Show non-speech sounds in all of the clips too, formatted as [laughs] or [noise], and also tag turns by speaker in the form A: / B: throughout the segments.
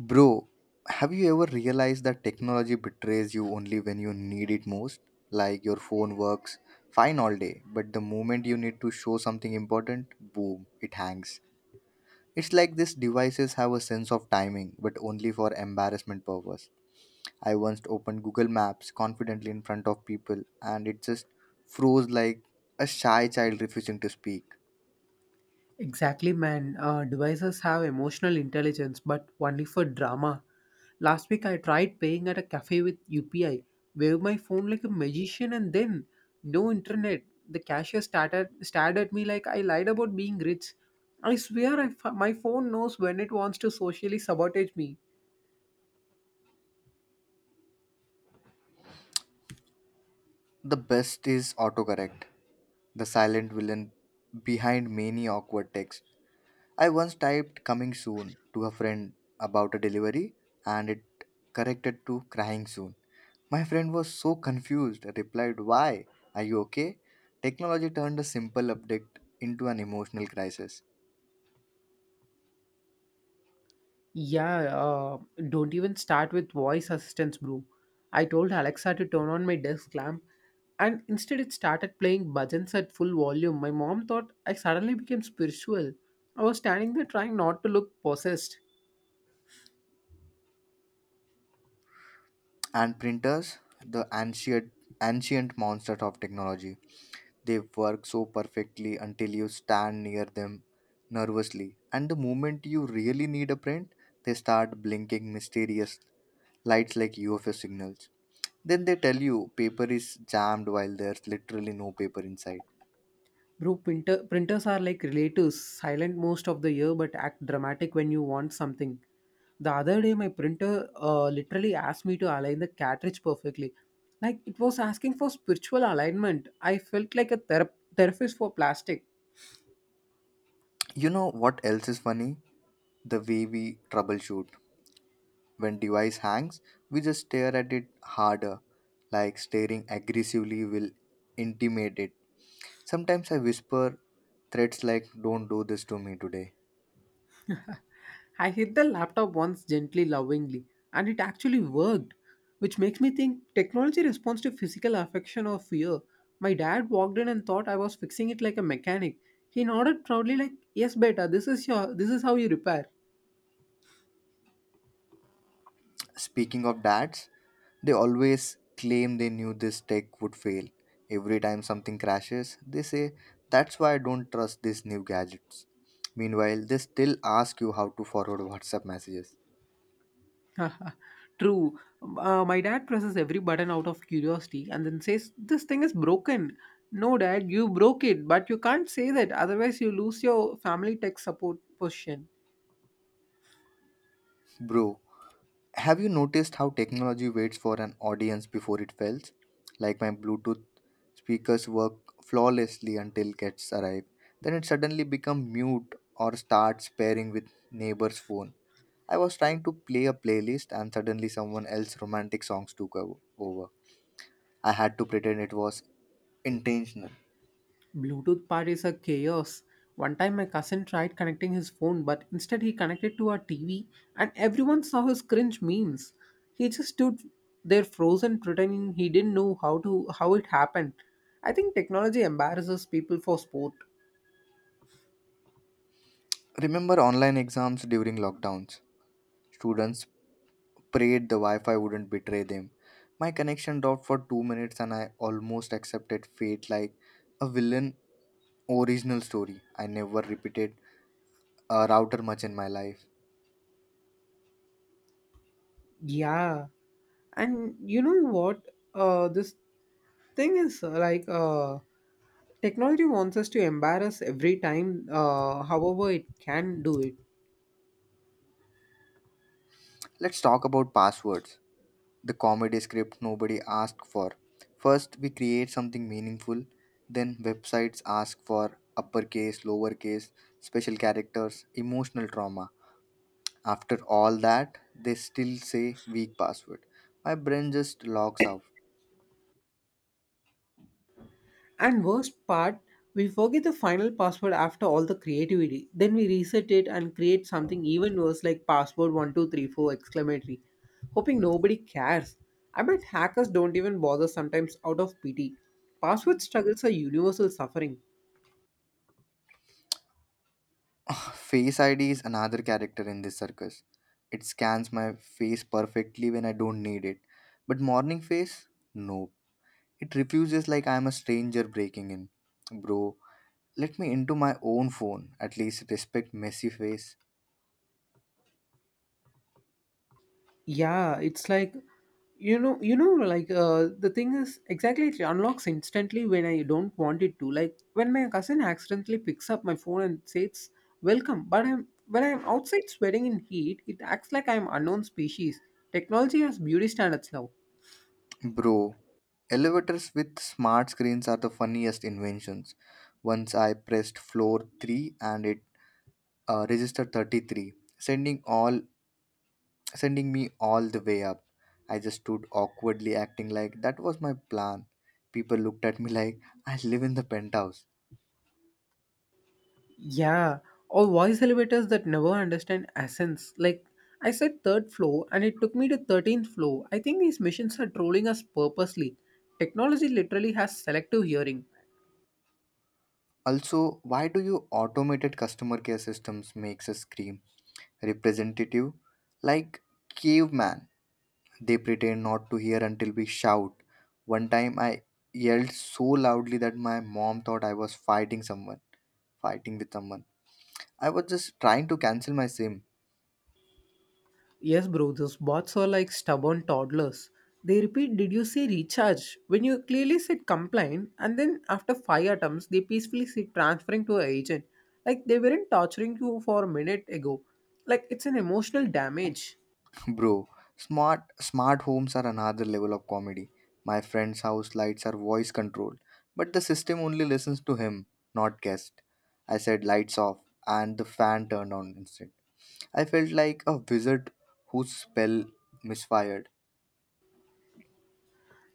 A: Bro, have you ever realized that technology betrays you only when you need it most? Like your phone works fine all day, but the moment you need to show something important, boom, it hangs. It's like these devices have a sense of timing, but only for embarrassment purpose. I once opened Google Maps confidently in front of people and it just froze like a shy child refusing to speak.
B: Exactly, man. Devices have emotional intelligence, but only for drama. Last week, I tried paying at a cafe with UPI, waved my phone like a magician, and then no internet. The cashier started stared at me like I lied about being rich. I swear, my phone knows when it wants to socially sabotage me.
A: The best is autocorrect, the silent villain behind many awkward texts. I once typed coming soon to a friend about a delivery and it corrected to crying soon. My friend was so confused, replied, "Why? Are you okay?" Technology turned a simple update into an emotional crisis.
B: Yeah, don't even start with voice assistance, bro. I told Alexa to turn on my desk lamp, and instead it started playing bhajans at full volume. My mom thought I suddenly became spiritual. I was standing there trying not to look possessed.
A: And printers, the ancient monsters of technology, they work so perfectly until you stand near them nervously. And the moment you really need a print, they start blinking mysterious lights like UFO signals. Then they tell you paper is jammed while there's literally no paper inside.
B: Bro, printers are like relatives, silent most of the year but act dramatic when you want something. The other day, my printer literally asked me to align the cartridge perfectly. Like it was asking for spiritual alignment. I felt like a therapist for plastic.
A: You know what else is funny? The way we troubleshoot. When device hangs, we just stare at it harder. Like staring aggressively will intimidate it. Sometimes I whisper threats like, don't do this to me today.
B: I hit the laptop once gently, lovingly, and it actually worked, which makes me think technology responds to physical affection or fear. My dad walked in and thought I was fixing it like a mechanic. He nodded proudly, like, "Yes, beta, this is how you repair."
A: Speaking of dads, they always claim they knew this tech would fail. Every time something crashes, they say, "That's why I don't trust these new gadgets." Meanwhile, they still ask you how to forward WhatsApp messages.
B: [laughs] True. My dad presses every button out of curiosity and then says, "This thing is broken." No, dad, you broke it, but you can't say that. Otherwise, you lose your family tech support position.
A: Bro, have you noticed how technology waits for an audience before it fails? Like my Bluetooth speakers work flawlessly until cats arrive. Then it suddenly becomes mute or starts pairing with neighbor's phone. I was trying to play a playlist and suddenly someone else's romantic songs took over. I had to pretend it was intentional.
B: Bluetooth part is a chaos. One time my cousin tried connecting his phone, but instead he connected to our TV and everyone saw his cringe memes. He just stood there frozen pretending he didn't know how it happened. I think technology embarrasses people for sport.
A: Remember online exams during lockdowns? Students prayed the Wi Fi wouldn't betray them. My connection dropped for 2 minutes and I almost accepted fate like a villain original story. I never repeated a router much in my life.
B: Yeah. And you know what? This thing is like technology wants us to embarrass every time however it can do it.
A: Let's talk about passwords, the comedy script nobody asked for. First, we create something meaningful, then websites ask for uppercase, lowercase, special characters, emotional trauma. After all that, they still say weak password. My brain just logs out.
B: And worst part, we forget the final password after all the creativity. Then we reset it and create something even worse like password 1234 exclamatory, hoping nobody cares. I bet hackers don't even bother sometimes out of pity. Password struggles are universal suffering.
A: Face ID is another character in this circus. It scans my face perfectly when I don't need it. But morning face? No. It refuses like I'm a stranger breaking in. Bro, let me into my own phone. At least respect messy face.
B: Yeah, it's like, you know, like the thing is exactly it unlocks instantly when I don't want it to, like when my cousin accidentally picks up my phone and says welcome, but I'm when I'm outside sweating in heat, it acts like I'm unknown species. Technology has beauty standards now.
A: Bro, elevators with smart screens are the funniest inventions. Once I pressed floor 3 and it registered 33, sending me all the way up. I just stood awkwardly acting like that was my plan. People looked at me like I live in the penthouse.
B: Yeah, or voice elevators that never understand essence. Like I said third floor and it took me to 13th floor. I think these machines are trolling us purposely. Technology literally has selective hearing.
A: Also, why do you automated customer care systems makes us scream? Representative, like caveman. They pretend not to hear until we shout. One time I yelled so loudly that my mom thought I was fighting with someone. I was just trying to cancel my SIM.
B: Yes, bro, those bots are like stubborn toddlers. They repeat, did you say recharge? When you clearly said complain, and then after five attempts, they peacefully say transferring to an agent. Like they weren't torturing you for a minute ago. Like it's an emotional damage.
A: [laughs] Bro, smart homes are another level of comedy. My friend's house lights are voice controlled, but the system only listens to him, not guest. I said lights off and the fan turned on instead. I felt like a wizard whose spell misfired.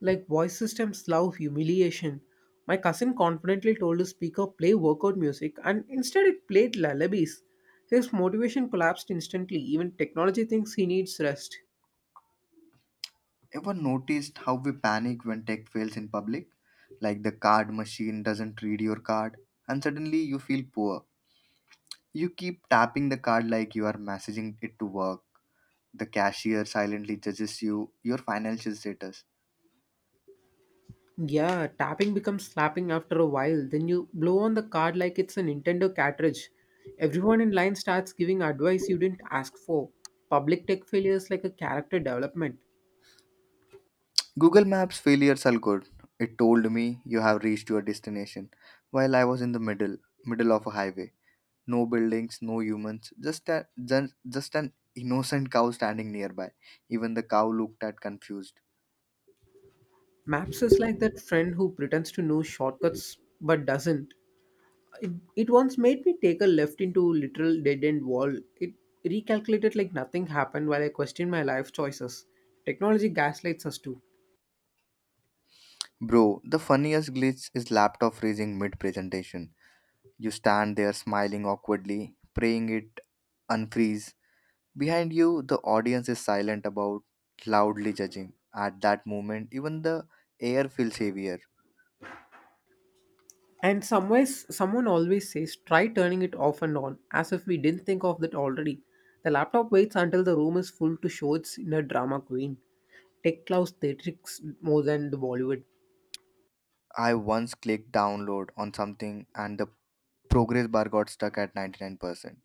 B: Like voice systems love humiliation. My cousin confidently told his speaker play workout music, and instead it played lullabies. His motivation collapsed instantly. Even technology thinks he needs rest.
A: Ever noticed how we panic when tech fails in public? Like the card machine doesn't read your card, and suddenly you feel poor. You keep tapping the card like you are messaging it to work. The cashier silently judges you, your financial status.
B: Yeah, tapping becomes slapping after a while. Then you blow on the card like it's a Nintendo cartridge. Everyone in line starts giving advice you didn't ask for. Public tech failure is like a character development.
A: Google Maps failures are good. It told me you have reached your destination while I was in the middle of a highway. No buildings, no humans, just, an innocent cow standing nearby. Even the cow looked at confused.
B: Maps is like that friend who pretends to know shortcuts but doesn't. It once made me take a left into literal dead end wall. It recalculated like nothing happened while I questioned my life choices. Technology gaslights us too.
A: Bro, the funniest glitch is laptop freezing mid presentation. You stand there smiling awkwardly, praying it unfreeze. Behind you, the audience is silent about loudly judging. At that moment, even the air feels heavier.
B: And somewheres someone always says, try turning it off and on, as if we didn't think of that already. The laptop waits until the room is full to show its inner drama queen. Tech clouds theatrics more than the Bollywood.
A: I once clicked download on something and the progress bar got stuck at 99%,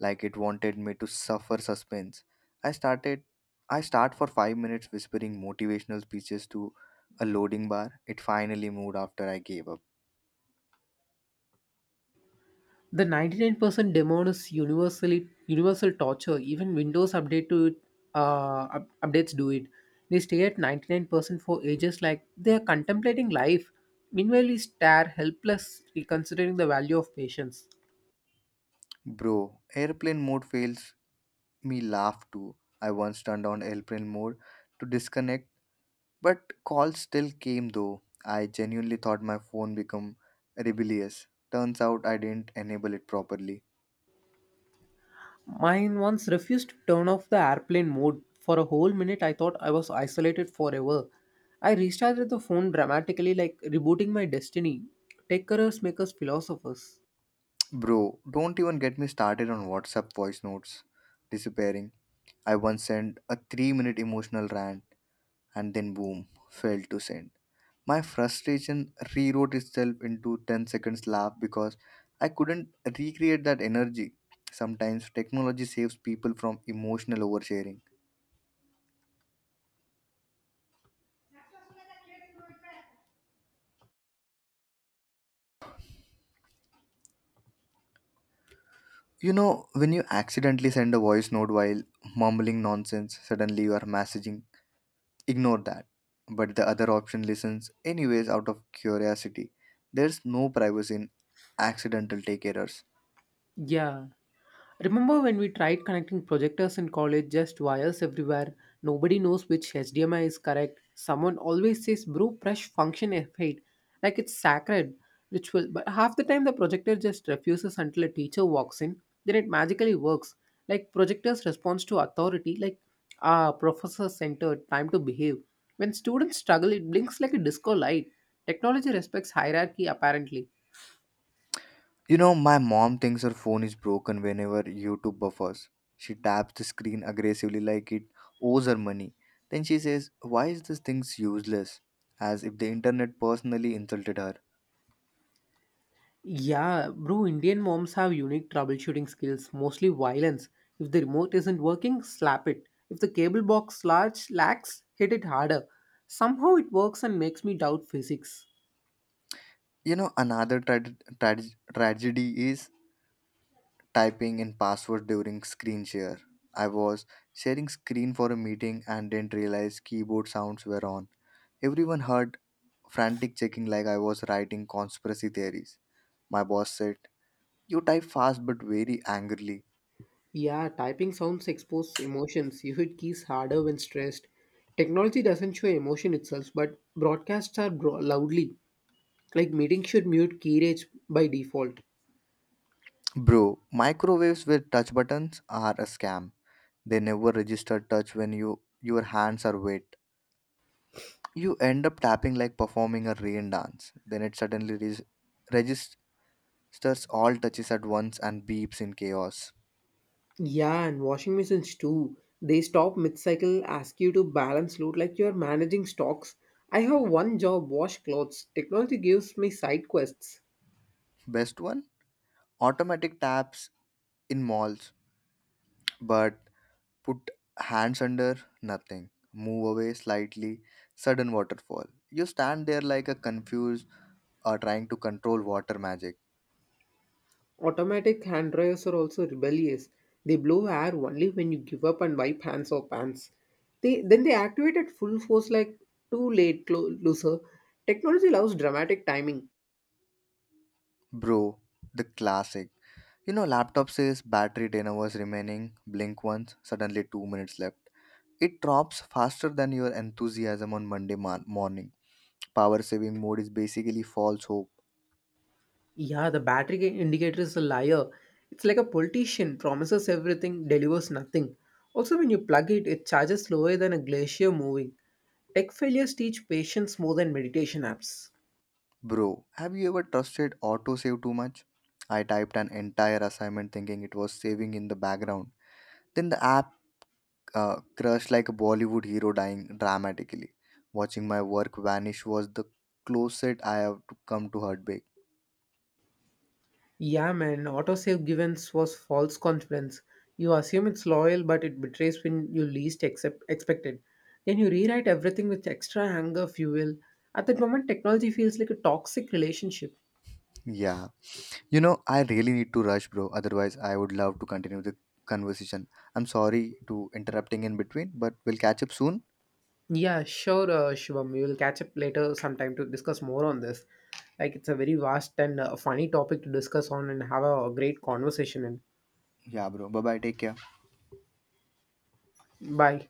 A: like it wanted me to suffer suspense. I started I start for 5 minutes whispering motivational speeches to a loading bar. It finally moved after I gave up.
B: The 99% demon is universal torture. Even Windows updates do it. They stay at 99% for ages, like they are contemplating life. Meanwhile, we stare helpless, reconsidering the value of patience.
A: Bro, airplane mode fails me laugh too. I once turned on airplane mode to disconnect, but calls still came though. I genuinely thought my phone become rebellious. Turns out I didn't enable it properly.
B: Mine once refused to turn off the airplane mode. For a whole minute, I thought I was isolated forever. I restarted the phone dramatically, like rebooting my destiny. Tech careers make us philosophers.
A: Bro, don't even get me started on WhatsApp voice notes disappearing. I once sent a 3-minute emotional rant and then boom, failed to send. My frustration rewrote itself into 10 seconds laugh because I couldn't recreate that energy. Sometimes technology saves people from emotional oversharing. You know, when you accidentally send a voice note while mumbling nonsense, suddenly you are messaging. Ignore that. But the other option listens anyways out of curiosity. There's no privacy in accidental take errors.
B: Yeah, remember when we tried connecting projectors in college, just wires everywhere? Nobody knows which HDMI is correct. Someone always says, bro, press function F8, like it's sacred ritual. But half the time, the projector just refuses until a teacher walks in. Then it magically works. Like projector's response to authority, like, ah, professor centered, time to behave. When students struggle, it blinks like a disco light. Technology respects hierarchy, apparently.
A: You know, my mom thinks her phone is broken whenever YouTube buffers. She taps the screen aggressively like it owes her money. Then she says, "Why is this thing useless?" As if the internet personally insulted her.
B: Yeah, bro, Indian moms have unique troubleshooting skills, mostly violence. If the remote isn't working, slap it. If the cable box large lacks, hit it harder. Somehow it works and makes me doubt physics.
A: You know, another tra- tragedy is typing in password during screen share. I was sharing screen for a meeting and didn't realize keyboard sounds were on. Everyone heard frantic checking like I was writing conspiracy theories. My boss said, "You type fast but very angrily."
B: Yeah, typing sounds expose emotions. [laughs] You hit keys harder when stressed. Technology doesn't show emotion itself, but broadcasts are loudly. Like meetings should mute key rage by default.
A: Bro, microwaves with touch buttons are a scam. They never register touch when you your hands are wet. You end up tapping like performing a rain dance. Then it suddenly registers all touches at once and beeps in chaos.
B: Yeah, and washing machines too. They stop mid-cycle, ask you to balance load like you're managing stocks. I have one job, wash clothes. Technology gives me side quests.
A: Best one? Automatic taps in malls, but put hands under nothing. Move away slightly, sudden waterfall. You stand there like a confused or trying to control water magic.
B: Automatic hand dryers are also rebellious. They blow air only when you give up and wipe hands or pants. They then they activate at full force like too late, loser. Technology loves dramatic timing.
A: Bro, the classic. You know, laptop says battery 10 hours remaining, blink once, suddenly 2 minutes left. It drops faster than your enthusiasm on Monday morning. Power saving mode is basically false hope.
B: Yeah, the battery indicator is a liar. It's like a politician, promises everything, delivers nothing. Also, when you plug it, it charges slower than a glacier moving. Tech failures teach patience more than meditation apps.
A: Bro, have you ever trusted autosave too much? I typed an entire assignment thinking it was saving in the background. Then the app crashed like a Bollywood hero dying dramatically. Watching my work vanish was the closest I have to come to heartbreak.
B: Yeah, man, autosave givens was false confidence. You assume it's loyal, but it betrays when you expected. Then you rewrite everything with extra anger fuel. At that moment, technology feels like a toxic relationship.
A: Yeah. You know, I really need to rush, bro. Otherwise, I would love to continue the conversation. I'm sorry to interrupting in between, but we'll catch up soon.
B: Yeah, sure, Shivam. We will catch up later sometime to discuss more on this. Like, it's a very vast and funny topic to discuss on and have a great conversation
A: Yeah, bro. Bye bye. Take care.
B: in. Bye.